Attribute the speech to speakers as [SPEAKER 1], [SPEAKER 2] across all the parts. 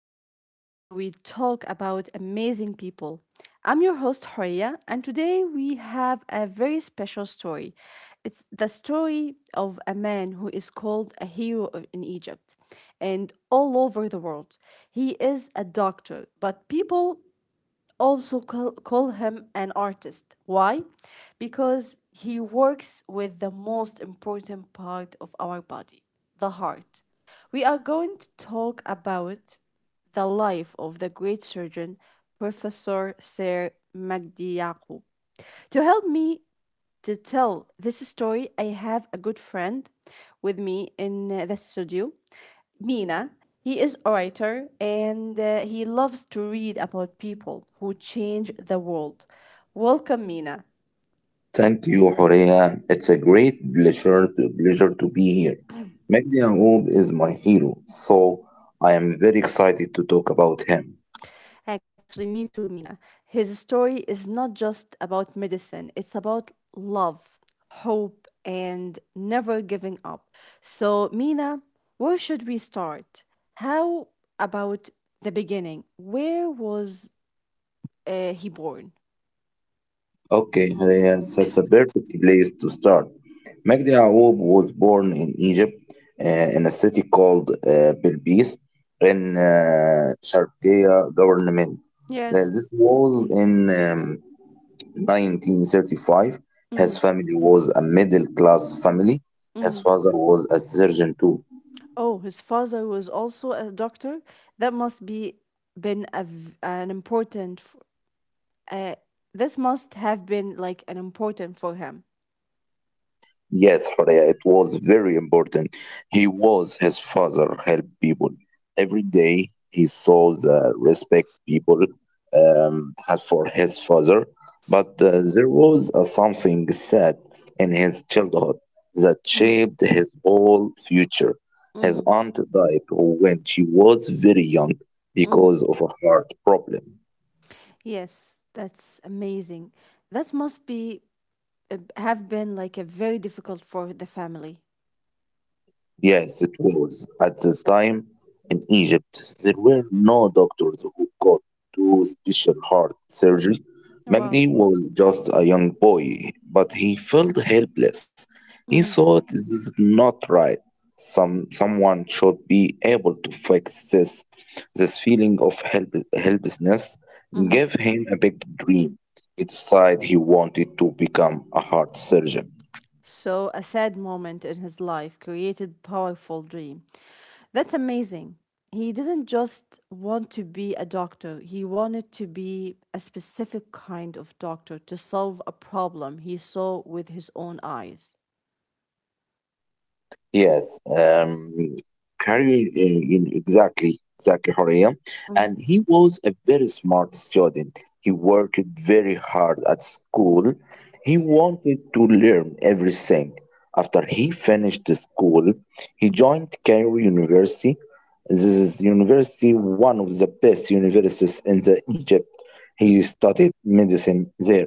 [SPEAKER 1] podcast where we talk about amazing people. I'm your host, Horia, and today we have a very special story. It's the story of a man who is called a hero in Egypt and all over the world. He is a doctor, but people also call him an artist. Why? Because he works with the most important part of our body, the heart. We are going to talk about the life of the great surgeon, Professor Sir Magdi Yaqub. To help me to tell this story, I have a good friend with me in the studio, Mina. He is a writer, and he loves to read about people who change the world. Welcome, Mina.
[SPEAKER 2] Thank you, Horea. It's a great pleasure to be here. Magdi Yacoub is my hero, so I am very excited to talk about him.
[SPEAKER 1] Actually, me too, Mina. His story is not just about medicine, it's about love, hope, and never giving up. So, Mina, where should we start? How about the beginning? Where was he born?
[SPEAKER 2] Okay, Haleya, that's a perfect place to start. Magdi Yacoub was born in Egypt, in a city called Bilbis, in Sharqia government. Uh,
[SPEAKER 1] Yes.
[SPEAKER 2] this was in 1935. His
[SPEAKER 1] Hmm.
[SPEAKER 2] family was a middle class family. His
[SPEAKER 1] Hmm.
[SPEAKER 2] father was a surgeon too.
[SPEAKER 1] Oh, his father was also a doctor. That must be been a v- an important. F- Uh, this must have been like an important for him.
[SPEAKER 2] Yes, Horea, it was very important. He was his father, help people. Every day he saw the respect people had for his father, but there was something sad in his childhood that
[SPEAKER 1] Hmm.
[SPEAKER 2] shaped his whole future. His
[SPEAKER 1] Hmm.
[SPEAKER 2] aunt died when she was very young
[SPEAKER 1] Hmm.
[SPEAKER 2] because of a heart problem.
[SPEAKER 1] Yes, that's amazing. That must be Have been like a very difficult for the family.
[SPEAKER 2] Yes, it was. At the time in Egypt, there were no doctors who could do special heart surgery.
[SPEAKER 1] Wow.
[SPEAKER 2] Magdi was just a young boy, but he felt helpless. He
[SPEAKER 1] Hmm.
[SPEAKER 2] thought this is not right. Someone should be able to fix this. This feeling of helplessness
[SPEAKER 1] Hmm.
[SPEAKER 2] gave him a big dream. He decided he wanted to become a heart surgeon.
[SPEAKER 1] So, a sad moment in his life created powerful dream. That's amazing. He didn't just want to be a doctor. He wanted to be a specific kind of doctor to solve a problem he saw with his own eyes.
[SPEAKER 2] Yes, Carrie, in exactly Horia.
[SPEAKER 1] Mhm.
[SPEAKER 2] And he was a very smart student. He worked very hard at school. He wanted to learn everything. After he finished the school, he joined Cairo University. This is university, one of the best universities in the Egypt. He studied medicine there.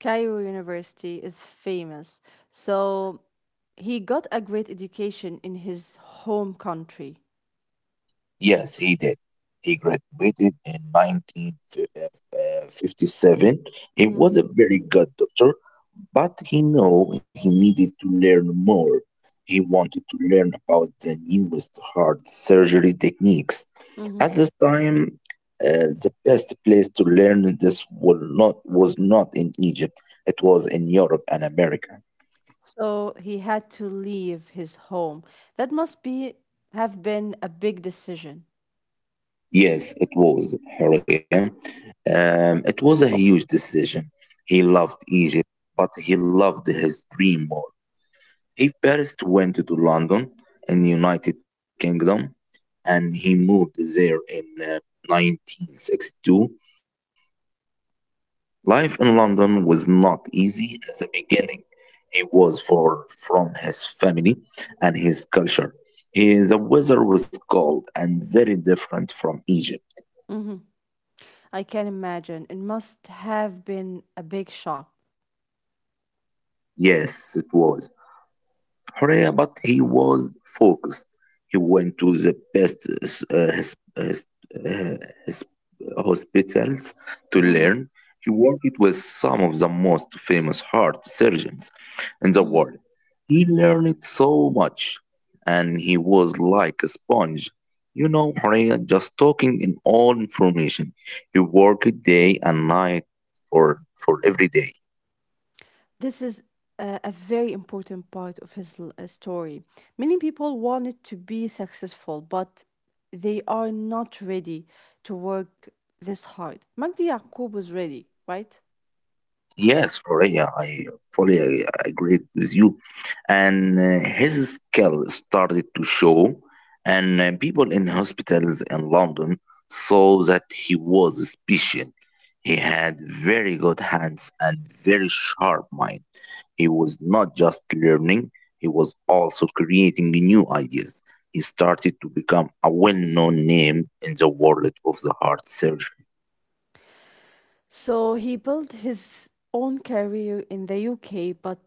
[SPEAKER 1] Cairo University is famous. So, he got a great education in his home country.
[SPEAKER 2] Yes, he did. He graduated in 1957. He
[SPEAKER 1] Mhm.
[SPEAKER 2] was a very good doctor, but he knew he needed to learn more. He wanted to learn about the newest heart surgery techniques.
[SPEAKER 1] Mhm.
[SPEAKER 2] At this time, the best place to learn this was not in Egypt, it was in Europe and America.
[SPEAKER 1] So he had to leave his home. That must be Have been a big decision.
[SPEAKER 2] Yes, it was, Horia. It was a huge decision. He loved Egypt, but he loved his dream more. He first went to London in United Kingdom, and he moved there in 1962. Life in London was not easy at the beginning. He was far from his family and his culture. The weather was cold and very different from Egypt.
[SPEAKER 1] Hmm. I can imagine. It must have been a big shock.
[SPEAKER 2] Yes, it was. Horea, but he was focused. He went to the best uh, his, his, uh, his hospitals to
[SPEAKER 1] Hmm.
[SPEAKER 2] learn. He worked with some of the most famous heart surgeons in the
[SPEAKER 1] Hmm.
[SPEAKER 2] world. He learned so much, and he was like a sponge. You know, Horea just talking in all information. He worked day and night for every day.
[SPEAKER 1] This is a very important part of his story. Many people wanted to be successful, but they are not ready to work this hard. Magdi Yaqub was ready, right?
[SPEAKER 2] Yes, Correa, I fully agree with you. And his skill started to show, and people in hospitals in London saw that he was special. He had very good hands and very sharp mind. He was not just learning, he was also creating new ideas. He started to become a well-known name in the world of the heart surgery.
[SPEAKER 1] So he built his own career in the UK, but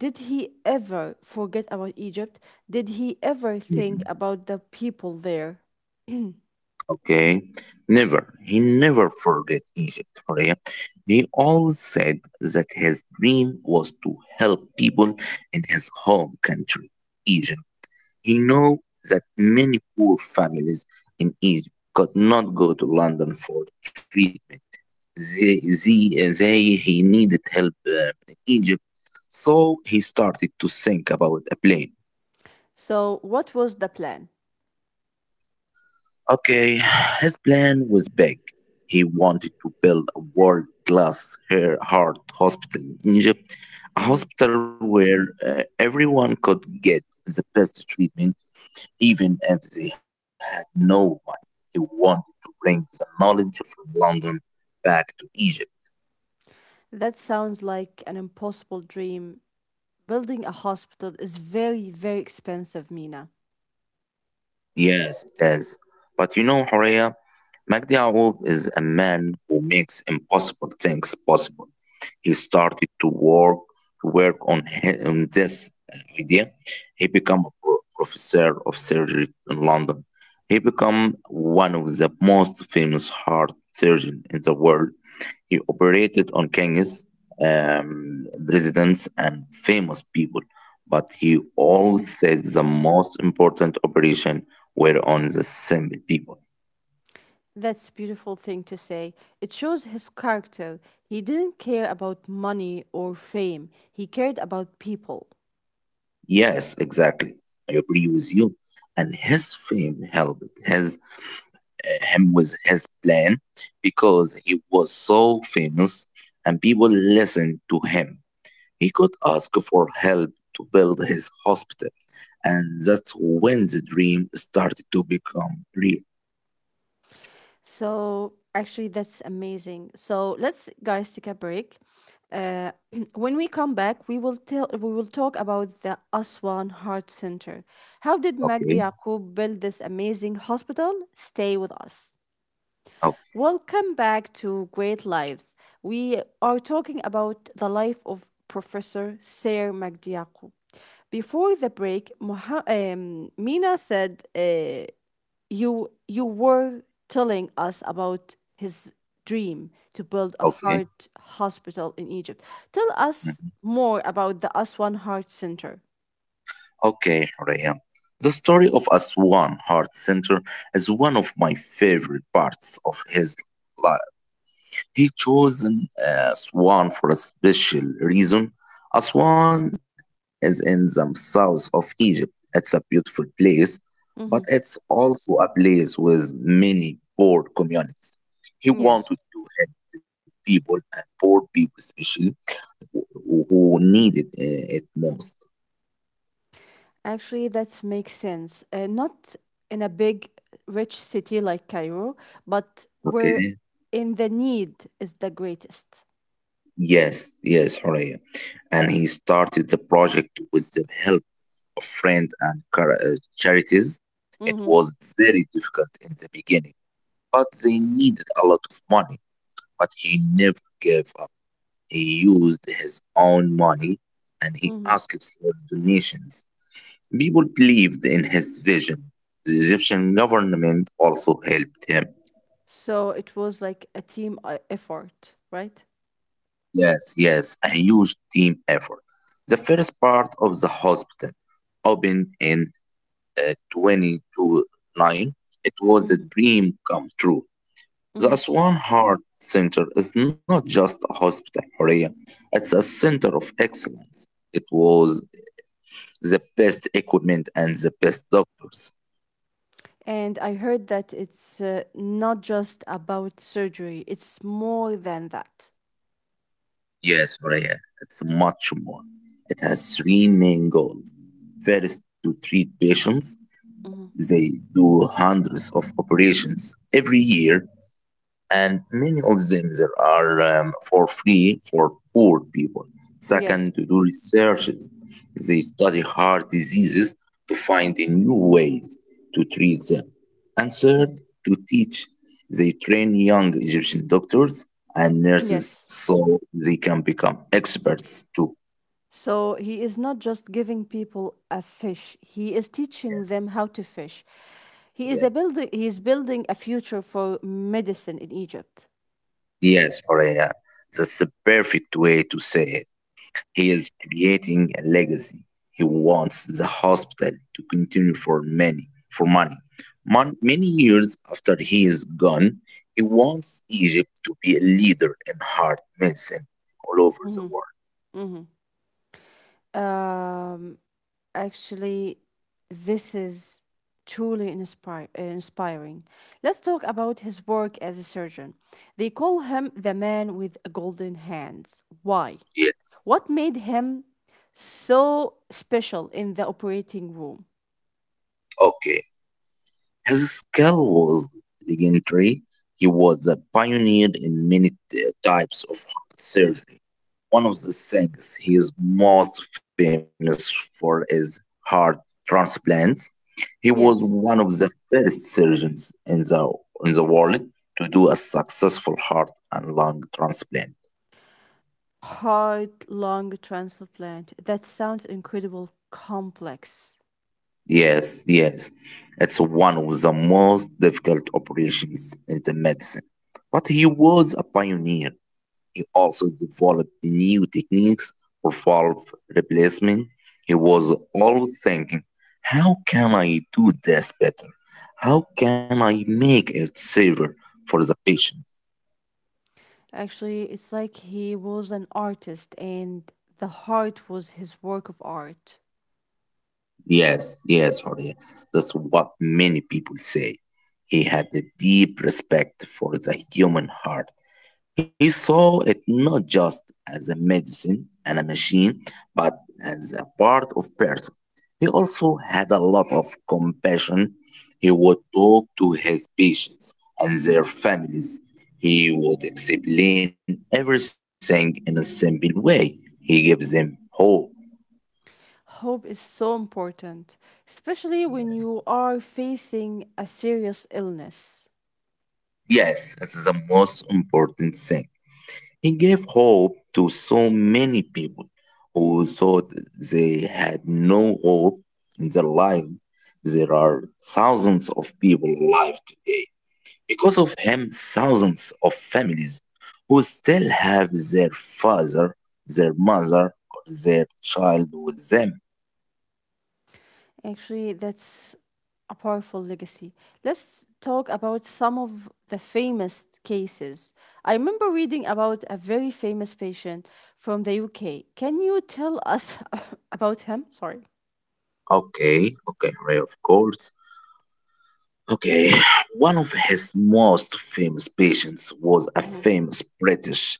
[SPEAKER 1] did he ever forget about Egypt? Did he ever think
[SPEAKER 2] Mm-hmm.
[SPEAKER 1] about the people there?
[SPEAKER 2] Okay, never. He never forget Egypt, Horea. He always said that his dream was to help people in his home country, Egypt. He know that many poor families in Egypt could not go to London for treatment. They he needed help in Egypt, so he started to think about a plan.
[SPEAKER 1] So, what was the plan?
[SPEAKER 2] Okay, his plan was big. He wanted to build a world class heart hospital in Egypt, a
[SPEAKER 1] Mhm.
[SPEAKER 2] hospital where everyone could get the best treatment, even if they had no money. He wanted to bring the knowledge from London back to Egypt.
[SPEAKER 1] That sounds like an impossible dream. Building a hospital is very, very expensive, Mina.
[SPEAKER 2] Yes, it is. But you know, Horea, Magdi Yacoub is a man who makes impossible things possible. He started to work on this idea. He became a professor of surgery in London. He became one of the most famous heart surgeon in the world. He operated on kings, presidents, and famous people, but he always said the most important operation were on the simple people.
[SPEAKER 1] That's beautiful thing to say. It shows his character. He didn't care about money or fame. He cared about people.
[SPEAKER 2] Yes, exactly. I agree with you. And his fame helped him with his plan because he was so famous and people listened to him. He could ask for help to build his hospital, and that's when the dream started to become real.
[SPEAKER 1] So actually, that's amazing. So let's guys take a break. Uh, when we come back, we will talk about the Aswan Heart Center. How did Magdi
[SPEAKER 2] Okay,
[SPEAKER 1] Yaqub build this amazing hospital? Stay with us.
[SPEAKER 2] okay,
[SPEAKER 1] Welcome back to Great Lives. We are talking about the life of Professor Sir Magdi Yaqub. Before the break, Mina said, you were telling us about his dream to build a
[SPEAKER 2] okay.
[SPEAKER 1] heart hospital in Egypt. Tell us
[SPEAKER 2] Mhm.
[SPEAKER 1] more about the Aswan Heart Center.
[SPEAKER 2] Okay, Horea. The story of Aswan Heart Center is one of my favorite parts of his life. He chose an for a special reason. Aswan is in the south of Egypt. It's a beautiful place, but it's
[SPEAKER 1] Mhm.
[SPEAKER 2] also a place with many poor communities. He
[SPEAKER 1] Yes.
[SPEAKER 2] wanted to help the people and poor people, especially who needed it most.
[SPEAKER 1] Actually, that makes sense. Not in a big, rich city like Cairo, but where
[SPEAKER 2] Okay.
[SPEAKER 1] in the need is the greatest.
[SPEAKER 2] Yes, yes, Horea. And he started the project with the help of friends and charities. It
[SPEAKER 1] Hmm.
[SPEAKER 2] was very difficult in the beginning, but they needed a lot of money. But he never gave up. He used his own money and he
[SPEAKER 1] Hmm.
[SPEAKER 2] asked for donations. People believed in his vision. The Egyptian government also helped him.
[SPEAKER 1] So it was like a team effort, right?
[SPEAKER 2] Yes, yes, a huge team effort. The first part of the hospital opened in twenty-two nine. It was a
[SPEAKER 1] Hmm.
[SPEAKER 2] dream come true. The
[SPEAKER 1] Hmm.
[SPEAKER 2] Aswan Heart Center is not just a hospital, Horea. It's a center of excellence. It was the best equipment and the best doctors.
[SPEAKER 1] And I heard that it's not just about surgery, it's more than that.
[SPEAKER 2] Yes, Horea, it's much more. It has three main goals. First, to treat patients.
[SPEAKER 1] Hmm.
[SPEAKER 2] They do hundreds of operations every year and many of them there are for free for poor people.
[SPEAKER 1] Yes.
[SPEAKER 2] Second, to do researches, they study heart diseases to find the new ways to treat them. And third,
[SPEAKER 1] Mhm.
[SPEAKER 2] to teach, they train young Egyptian doctors and nurses
[SPEAKER 1] Yes.
[SPEAKER 2] so they can become experts too.
[SPEAKER 1] So he is not just giving people a fish, he is
[SPEAKER 2] Yes,
[SPEAKER 1] teaching them how to fish. He is a
[SPEAKER 2] yes,
[SPEAKER 1] building he is building a future for medicine in Egypt.
[SPEAKER 2] Yes, Horea. That's the perfect way to say it. He is creating a legacy. He wants the hospital to continue for many, for money. Many years after he is gone, he wants Egypt to be a leader in heart medicine all over the
[SPEAKER 1] Hmm.
[SPEAKER 2] world.
[SPEAKER 1] Hmm. Um, actually, this is truly inspiring. Let's talk about his work as a surgeon. They call him the man with golden hands. Why?
[SPEAKER 2] Yes.
[SPEAKER 1] What made him so special in the operating room?
[SPEAKER 2] Okay. His skill was legendary. He was a pioneer in many types of heart surgery. One of the things he is most famous for is heart transplants. He was one
[SPEAKER 1] Yes.
[SPEAKER 2] of the first surgeons in the world to do a successful heart and lung transplant.
[SPEAKER 1] Heart lung transplant. That sounds incredible complex.
[SPEAKER 2] Yes, yes. It's one of the most difficult operations in the medicine. But he was a pioneer. He also developed new techniques for valve replacement. He was
[SPEAKER 1] Mhm.
[SPEAKER 2] always thinking, how can I do this better? How can I make it safer for the patient?
[SPEAKER 1] Actually, it's like he was an artist and the heart was his work of art.
[SPEAKER 2] Yes, yes, Jorge. That's what many people say. He had a deep respect for the human heart. He saw it not just as a medicine and a machine, but as a part of person. He also had a lot of compassion. He would talk to his patients and their families. He would explain everything in a simple way. He gives them hope.
[SPEAKER 1] Hope is so important, especially when you are facing a serious illness.
[SPEAKER 2] Yes, this is the most important thing. He gave hope to so many people who thought they had no hope in their lives. There are thousands of people alive today. Because of him, thousands of families who still have their father, their mother, or their child with them.
[SPEAKER 1] Actually, that's a powerful legacy. Let's talk about some of the famous cases. I remember reading about a very famous patient from the UK. Can you tell us about him? Sorry.
[SPEAKER 2] Okay, okay, Ray, of course. Okay, one of his most famous patients was a
[SPEAKER 1] Mhm.
[SPEAKER 2] famous British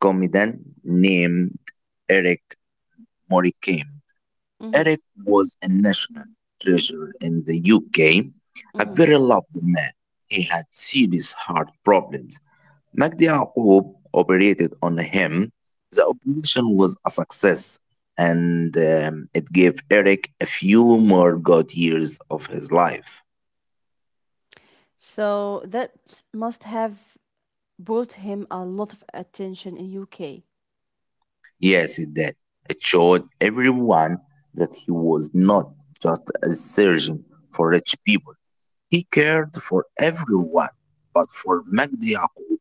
[SPEAKER 2] comedian named Eric Morecambe.
[SPEAKER 1] Mhm.
[SPEAKER 2] Eric was a national treasure in the UK, a
[SPEAKER 1] Mhm.
[SPEAKER 2] very loved man. He had serious heart problems. Magdi Yaqub operated on him. The operation was a success and it gave Eric a few more good years of his life.
[SPEAKER 1] So that must have brought him a lot of attention in UK.
[SPEAKER 2] Yes, it did. It showed everyone that he was not just a surgeon for rich people. He cared for everyone, but for Magdi Yaqub,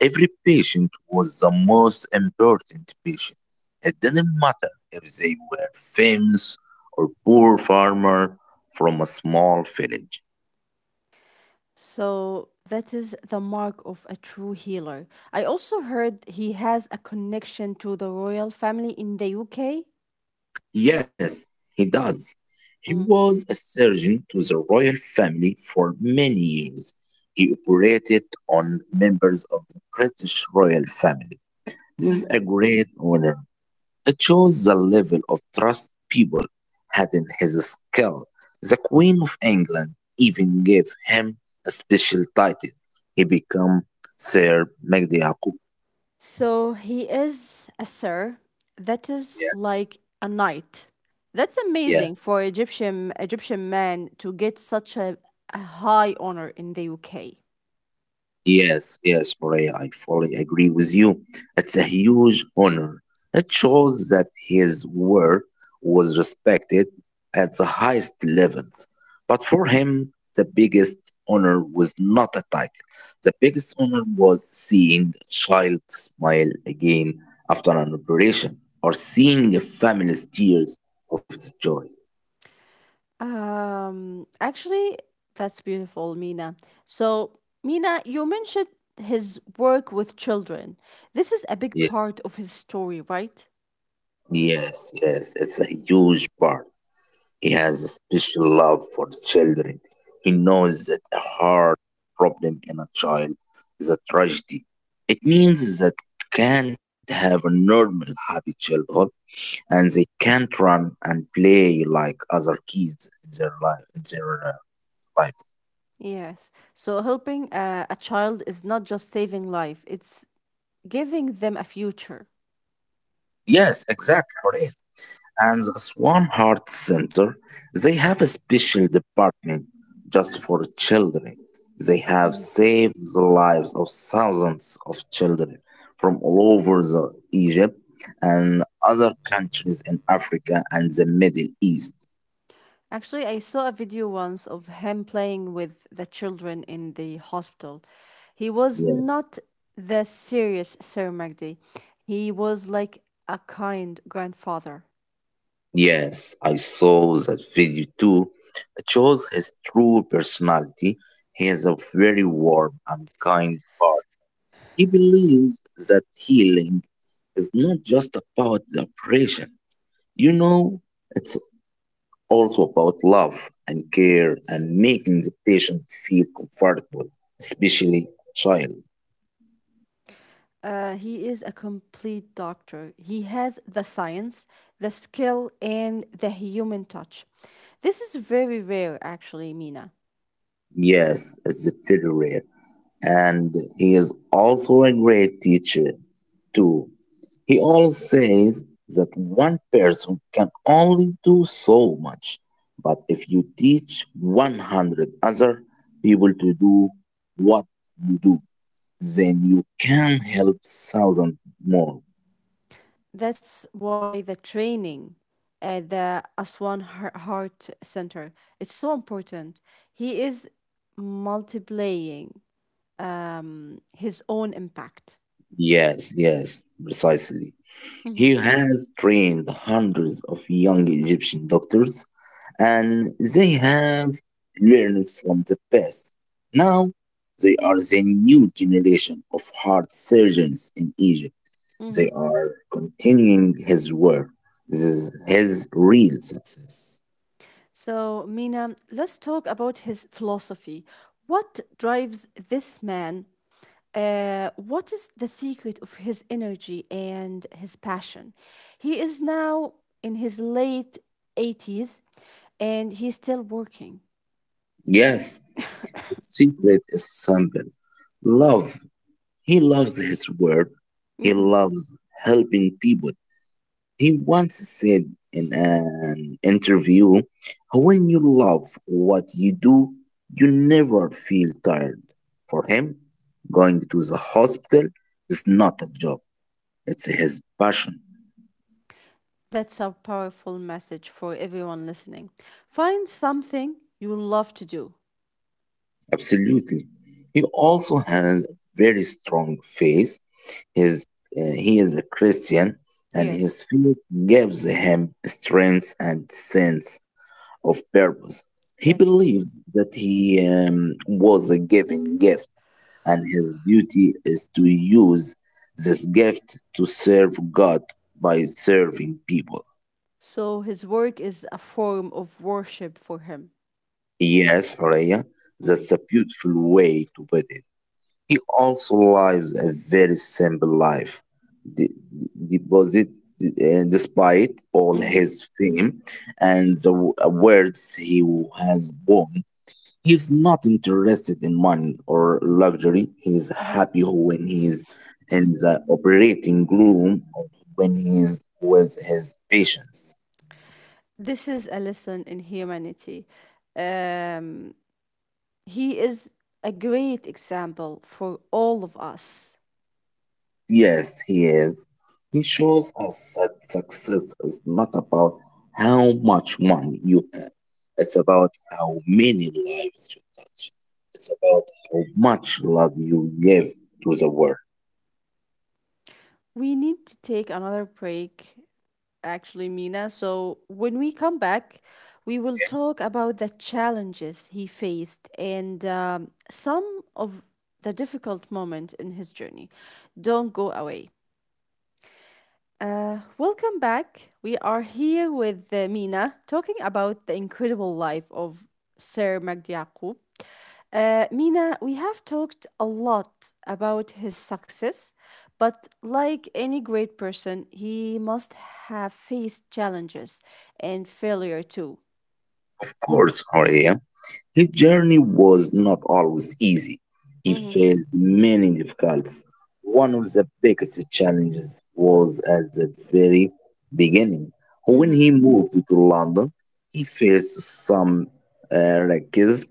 [SPEAKER 2] every patient was the most important patient. It didn't matter if they were famous or poor farmer from a small village.
[SPEAKER 1] So that is the mark of a true healer. I also heard he has a connection to the royal family in the UK.
[SPEAKER 2] Yes, he does. He was a surgeon to the royal family for many years. He operated on members of the British royal family. This is
[SPEAKER 1] Mhm.
[SPEAKER 2] a great honor. It shows the level of trust people had in his skill. The Queen of England even gave him a special title. He became Sir Magdi Yaqub.
[SPEAKER 1] So he is a sir. That is
[SPEAKER 2] Yes,
[SPEAKER 1] like a knight. That's
[SPEAKER 2] yes.
[SPEAKER 1] amazing for Egyptian man to get such a high honor in the UK.
[SPEAKER 2] Yes, yes, Maria, I fully agree with you. It's a huge honor. It shows that his work was respected at the highest levels. But for him, the biggest honor was not a title. The biggest honor was seeing a child smile again after an operation or seeing a family's tears of the joy.
[SPEAKER 1] Actually, that's beautiful, Mina. So, Mina, you mentioned his work with children. This is a big
[SPEAKER 2] Yes,
[SPEAKER 1] part of his story, right?
[SPEAKER 2] yes, it's a huge part. He has a special love for children. He knows that a hard problem in a child is a tragedy. It means that can't have a normal happy childhood and they can't run and play like other kids in their life in their life.
[SPEAKER 1] Yes. So, helping a child is not just saving life; it's giving them a future.
[SPEAKER 2] Yes, exactly. And the Swarm Heart Center, they have a special department just for children. They have saved the lives of thousands of children from all over the Egypt and other countries in Africa and the Middle East.
[SPEAKER 1] Actually, I saw a video once of him playing with the children in the hospital. He was
[SPEAKER 2] Yes.
[SPEAKER 1] not the serious Sir Magdi. He was like a kind grandfather.
[SPEAKER 2] Yes, I saw that video too. It shows his true personality. He has a very warm and kind heart. He believes that healing is not just about the operation, you know, it's also about love and care and making the patient feel comfortable, especially a child.
[SPEAKER 1] He is a complete doctor. He has the science, the skill, and the human touch. This is very rare, actually, Mina.
[SPEAKER 2] Yes, as a federate. And he is also a great teacher, too. He always says that one person can only do so much, but if you teach 100 other people to do what you do, then you can help thousand more.
[SPEAKER 1] That's why the training at the Heart Center is so important. He is multiplying his own impact.
[SPEAKER 2] Yes, yes, precisely.
[SPEAKER 1] Mhm.
[SPEAKER 2] He has trained hundreds of young Egyptian doctors and they have learned from the past. Now they are the new generation of heart surgeons in Egypt. They
[SPEAKER 1] Mhm.
[SPEAKER 2] are continuing his work. This is his real success.
[SPEAKER 1] So, Mina, let's talk about his philosophy. What drives this man? What is the secret of his energy and his passion? He is now in his late 80s and he's still working.
[SPEAKER 2] Yes, the secret is simple. Love. He loves his work. He
[SPEAKER 1] Mhm.
[SPEAKER 2] loves helping people. He once said in an interview, when you love what you do, you never feel tired. For him, going to the hospital is not a job, it's his passion.
[SPEAKER 1] That's a powerful message for everyone listening. Find something you love to do.
[SPEAKER 2] Absolutely. He also has a very strong faith. His, he is a Christian, and
[SPEAKER 1] Yes,
[SPEAKER 2] his faith gives him strength and sense of purpose. He
[SPEAKER 1] yes.
[SPEAKER 2] believes that he was a given gift, and his duty is to use this gift to serve God by serving people.
[SPEAKER 1] So his work is a form of worship for him.
[SPEAKER 2] Yes, Horea,
[SPEAKER 1] Mhm.
[SPEAKER 2] that's a beautiful way to put it. He also lives a very simple life. The, the, the- Despite all
[SPEAKER 1] Mhm.
[SPEAKER 2] his fame and the awards he has won, he's not interested in money or luxury. He's
[SPEAKER 1] Mhm.
[SPEAKER 2] happy when he's in the operating room or when he's with his patients.
[SPEAKER 1] This is a lesson in humanity. He is a great example for all of us.
[SPEAKER 2] Yes, he is. He shows us that success is not about how much money you have. It's about how many lives you touch. It's about how much love you give to the world.
[SPEAKER 1] We need to take another break actually, Mina. So when we come back, we will talk about the challenges he faced, and some of the difficult moment in his journey. Don't go away. Welcome back. We are here with Mina talking about the incredible life of Sir Magdi Yaqub. Mina, we have talked a lot about his success, but like any great person, he must have faced challenges and failure too.
[SPEAKER 2] Course, Horea, his journey was not always easy. He
[SPEAKER 1] Mm-hmm.
[SPEAKER 2] faced many difficulties. One of the biggest challenges was at the very beginning.
[SPEAKER 1] Mm-hmm.
[SPEAKER 2] When he moved to London, he faced some racism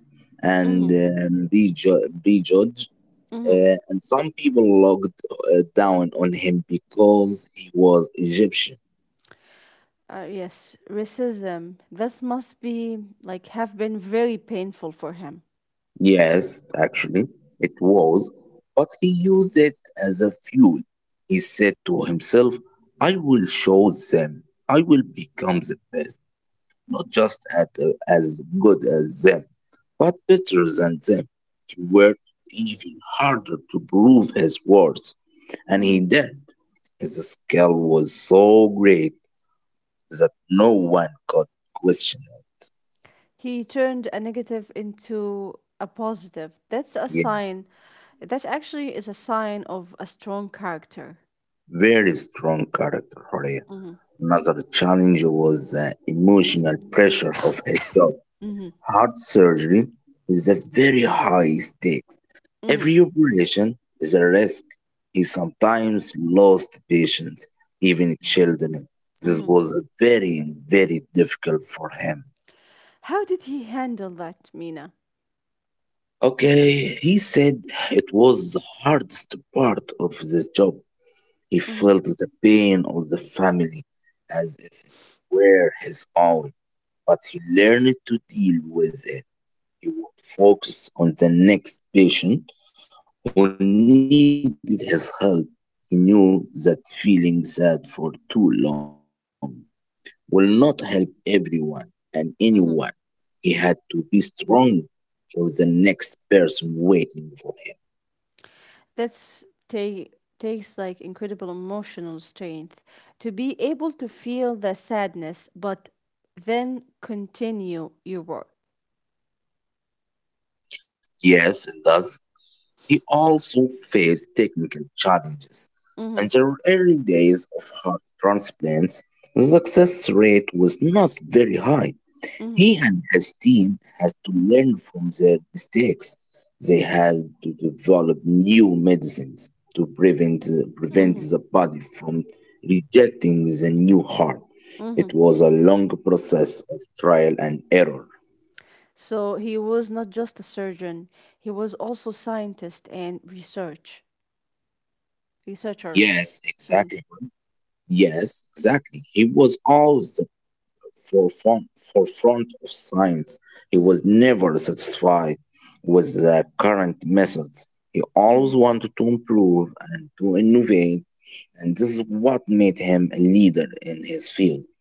[SPEAKER 1] Mm-hmm.
[SPEAKER 2] and prejudge,
[SPEAKER 1] Mm-hmm.
[SPEAKER 2] and some people looked down on him because he was Egyptian.
[SPEAKER 1] Yes, racism. That must be like have been very painful for him.
[SPEAKER 2] Yes, actually, it was, but he used it as a fuel. He said to himself, I will show them. I will become the best, not just at, as good as them, but better than them. He worked even harder to prove his worth, and
[SPEAKER 1] Mm-hmm.
[SPEAKER 2] he did. His skill was so great that no one could question it.
[SPEAKER 1] He turned a negative into a positive. That's a
[SPEAKER 2] Yeah,
[SPEAKER 1] sign. That actually is a sign of a strong character.
[SPEAKER 2] very strong character, Horia.
[SPEAKER 1] Mm-hmm.
[SPEAKER 2] Another challenge was the emotional pressure of his job.
[SPEAKER 1] Mm-hmm.
[SPEAKER 2] Heart surgery is a very high stakes.
[SPEAKER 1] Mm-hmm.
[SPEAKER 2] Every operation is a risk. He sometimes lost patients, even children. This
[SPEAKER 1] Mhm.
[SPEAKER 2] was very, very difficult for him.
[SPEAKER 1] How did he handle that, Mina?
[SPEAKER 2] Okay, he said it was the hardest part of this job. He
[SPEAKER 1] Mhm.
[SPEAKER 2] felt the pain of the family as if it were his own, but he learned to deal with it. He would focus on the next patient who needed his help. He knew that feeling sad for too long will not help everyone and anyone.
[SPEAKER 1] Mhm.
[SPEAKER 2] He had to be strong for the next person waiting for him.
[SPEAKER 1] That's ta- Takes like incredible emotional strength to be able to feel the sadness, but then continue your work.
[SPEAKER 2] Yes, and thus he also faced technical challenges. In
[SPEAKER 1] Mhm.
[SPEAKER 2] the early days of heart transplants, the success rate was not very high. He
[SPEAKER 1] Mhm.
[SPEAKER 2] and his team has to learn from their mistakes. They had to develop new medicines to prevent
[SPEAKER 1] Mhm.
[SPEAKER 2] the body from rejecting the new heart. It
[SPEAKER 1] Mhm.
[SPEAKER 2] was a long process of trial and error.
[SPEAKER 1] So he was not just a surgeon; he was also scientist and researcher.
[SPEAKER 2] Yes,
[SPEAKER 1] Mhm.
[SPEAKER 2] exactly. Bro. Yes, exactly. He was always for front, for front of science. He
[SPEAKER 1] Mhm.
[SPEAKER 2] was never satisfied with the current methods. He always
[SPEAKER 1] Mhm.
[SPEAKER 2] wanted to improve and to innovate, and this is what made him a leader in his field.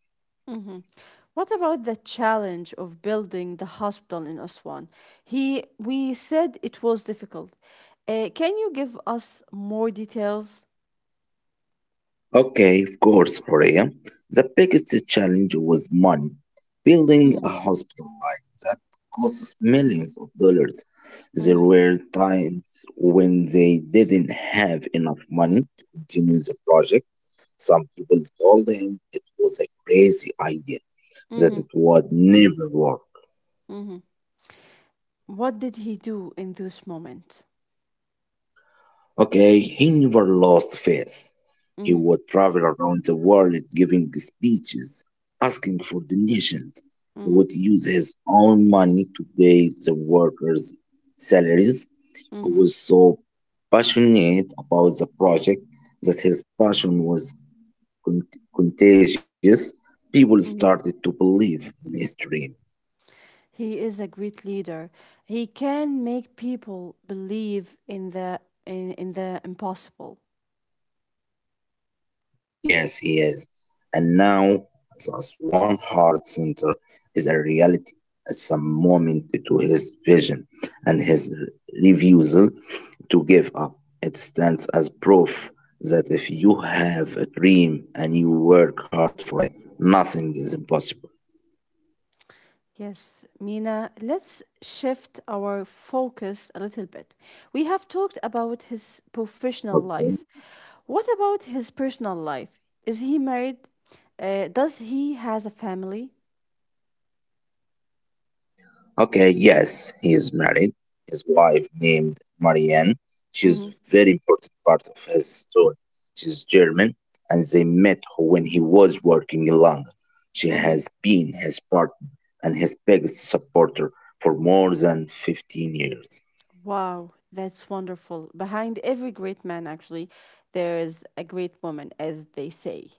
[SPEAKER 1] Hmm. What about the challenge of building the hospital in Aswan? He, we said it was difficult. Can you give us more details?
[SPEAKER 2] Okay, of course, Horea. The biggest challenge was money. Building
[SPEAKER 1] Hmm.
[SPEAKER 2] a hospital like that costs millions of dollars. There
[SPEAKER 1] Hmm.
[SPEAKER 2] were times when they didn't have enough money to continue the project. Some people told him it was a crazy idea, that
[SPEAKER 1] Hmm.
[SPEAKER 2] it would never work.
[SPEAKER 1] Hmm. What did he do in this moment?
[SPEAKER 2] Okay, he never lost faith. He
[SPEAKER 1] Hmm.
[SPEAKER 2] would travel around the world giving speeches, asking for donations. He
[SPEAKER 1] Hmm.
[SPEAKER 2] would use his own money to pay the workers' salaries. He
[SPEAKER 1] Hmm.
[SPEAKER 2] was so passionate about the project that his passion was con- contagious. People
[SPEAKER 1] Hmm.
[SPEAKER 2] started to believe in his dream.
[SPEAKER 1] He is a great leader. He can make people believe in the in the impossible.
[SPEAKER 2] Yes, he is. And now, as one Heart Center is a reality. It's a moment to his vision and his refusal to give up. It stands as proof that if you have a dream and you work hard for it, nothing is impossible.
[SPEAKER 1] Yes, Mina, let's shift our focus a little bit. We have talked about his professional
[SPEAKER 2] Okay.
[SPEAKER 1] life. What about his personal life? Is he married? Does he has a family?
[SPEAKER 2] Okay, yes, he is married. His wife named Marianne. She's a
[SPEAKER 1] Mm-hmm.
[SPEAKER 2] very important part of his story. She's German and they met when he was working in London. She
[SPEAKER 1] Mm-hmm.
[SPEAKER 2] has been his partner and his biggest supporter for more than 15 years.
[SPEAKER 1] Wow, that's wonderful. Behind every great man, actually, there is a great woman, as they say.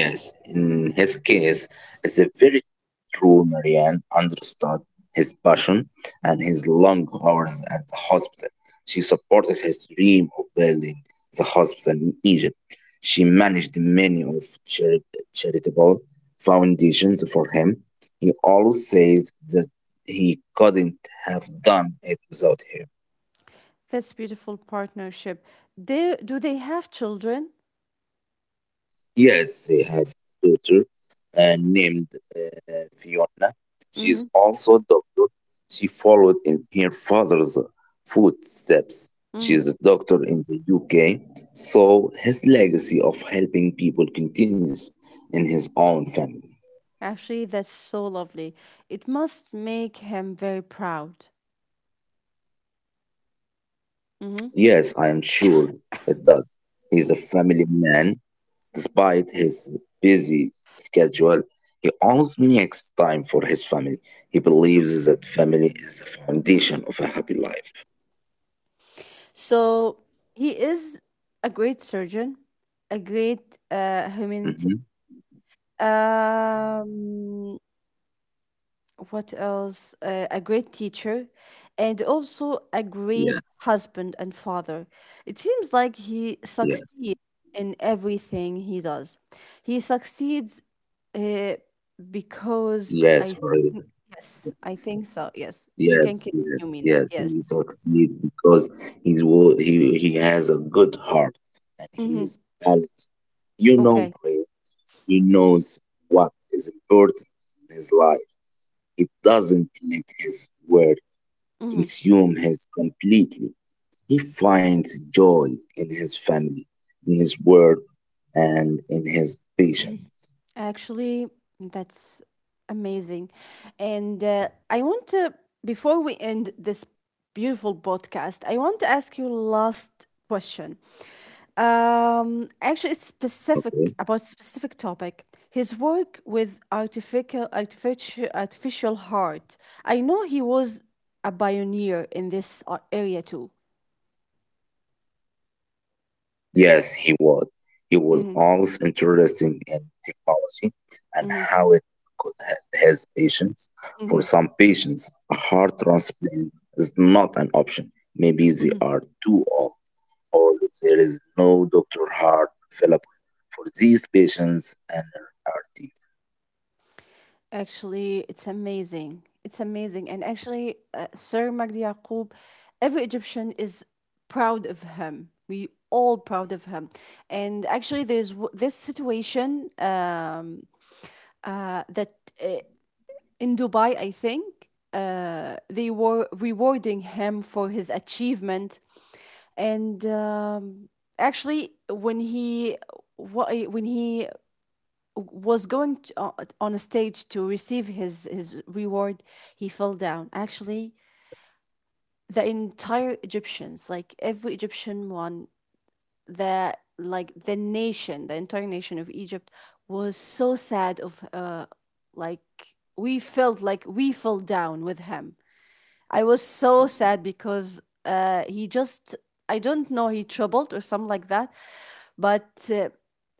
[SPEAKER 2] Yes, in his case, it's a very true Marianne understood his passion and his long hours at the hospital. She supported his dream of building the hospital in Egypt. She managed many of charitable foundations for him. He always says that he couldn't have done it without her.
[SPEAKER 1] That's beautiful partnership. Do they have children?
[SPEAKER 2] Yes, they have a daughter named Fiona.
[SPEAKER 1] Mm-hmm.
[SPEAKER 2] She's also a doctor. She followed in her father's footsteps.
[SPEAKER 1] Mm-hmm.
[SPEAKER 2] She's a doctor in the UK, so his legacy of helping people continues in his own family.
[SPEAKER 1] Actually, that's so lovely. It must make him very proud. Hmm.
[SPEAKER 2] Yes, I am sure it does. He's a family man. Despite his busy schedule, he always makes time for his family. He believes that family is the foundation of a happy life.
[SPEAKER 1] So he is a great surgeon, a great humanity.
[SPEAKER 2] Hmm.
[SPEAKER 1] Um, what else? A great teacher and also a great
[SPEAKER 2] Yes,
[SPEAKER 1] husband and father. It seems like he
[SPEAKER 2] yes,
[SPEAKER 1] succeeds in everything he does. He succeeds uh, because
[SPEAKER 2] yes,
[SPEAKER 1] I
[SPEAKER 2] Horia.
[SPEAKER 1] think, yes, I think so. Yes, you can
[SPEAKER 2] Yes,
[SPEAKER 1] continue,
[SPEAKER 2] yes,
[SPEAKER 1] Mina.
[SPEAKER 2] yes.
[SPEAKER 1] Yes.
[SPEAKER 2] He succeeds because he's wo- he has a good heart and he
[SPEAKER 1] Mm-hmm.
[SPEAKER 2] is balanced. You know,
[SPEAKER 1] Okay.
[SPEAKER 2] Horia, he knows what is important in his life. He doesn't let his work
[SPEAKER 1] Mm-hmm.
[SPEAKER 2] consume his completely. He finds joy in his family, in his word, and in his patience.
[SPEAKER 1] Actually, that's amazing. And I want to, before we end this beautiful podcast, I want to ask you last question. Actually, it's
[SPEAKER 2] Okay?
[SPEAKER 1] specific about specific topic. His work with artificial heart. I know he was a pioneer in this area too.
[SPEAKER 2] Yes, he was. He was
[SPEAKER 1] Mm-hmm.
[SPEAKER 2] always interested in technology and
[SPEAKER 1] Mm-hmm.
[SPEAKER 2] how it could help his patients. For
[SPEAKER 1] Mm-hmm.
[SPEAKER 2] some patients, a heart transplant is not an option. Maybe
[SPEAKER 1] Mm-hmm.
[SPEAKER 2] they are too old or there is no doctor heart available for these patients and are deep.
[SPEAKER 1] Actually, it's amazing. It's amazing. And actually, Sir Magdi Yaqub, every Egyptian is proud of him. We all proud of him. And actually, there's this situation that uh, in Dubai, I think, they were rewarding him for his achievement. And actually, when he was going to, on a stage to receive his reward, he fell down. Actually, the entire Egyptians, like every Egyptian one, the like the nation, the entire nation of Egypt was so sad of like we felt like we fell down with him. I was so sad because he just I don't know he troubled or something like that, but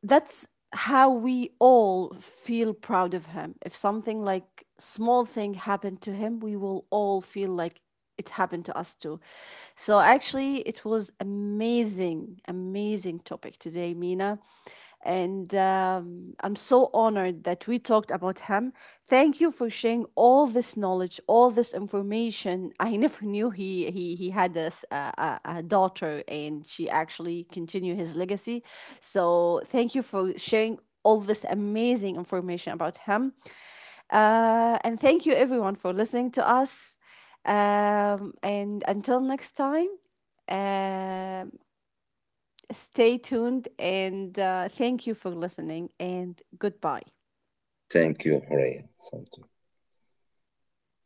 [SPEAKER 1] that's how we all feel proud of him. If something like small thing happened to him, we will all feel like it happened to us too. So actually, it was amazing, amazing topic today, Mina, and I'm so honored that we talked about him. Thank you for sharing all this knowledge, all this information. I never knew he had this a daughter, and she actually continued his legacy. So thank you for sharing all this amazing information about him. And thank you everyone for listening to us. Um, and until next time, uh, stay tuned, and thank you for listening and goodbye.
[SPEAKER 2] Thank you, Horea. Thank you.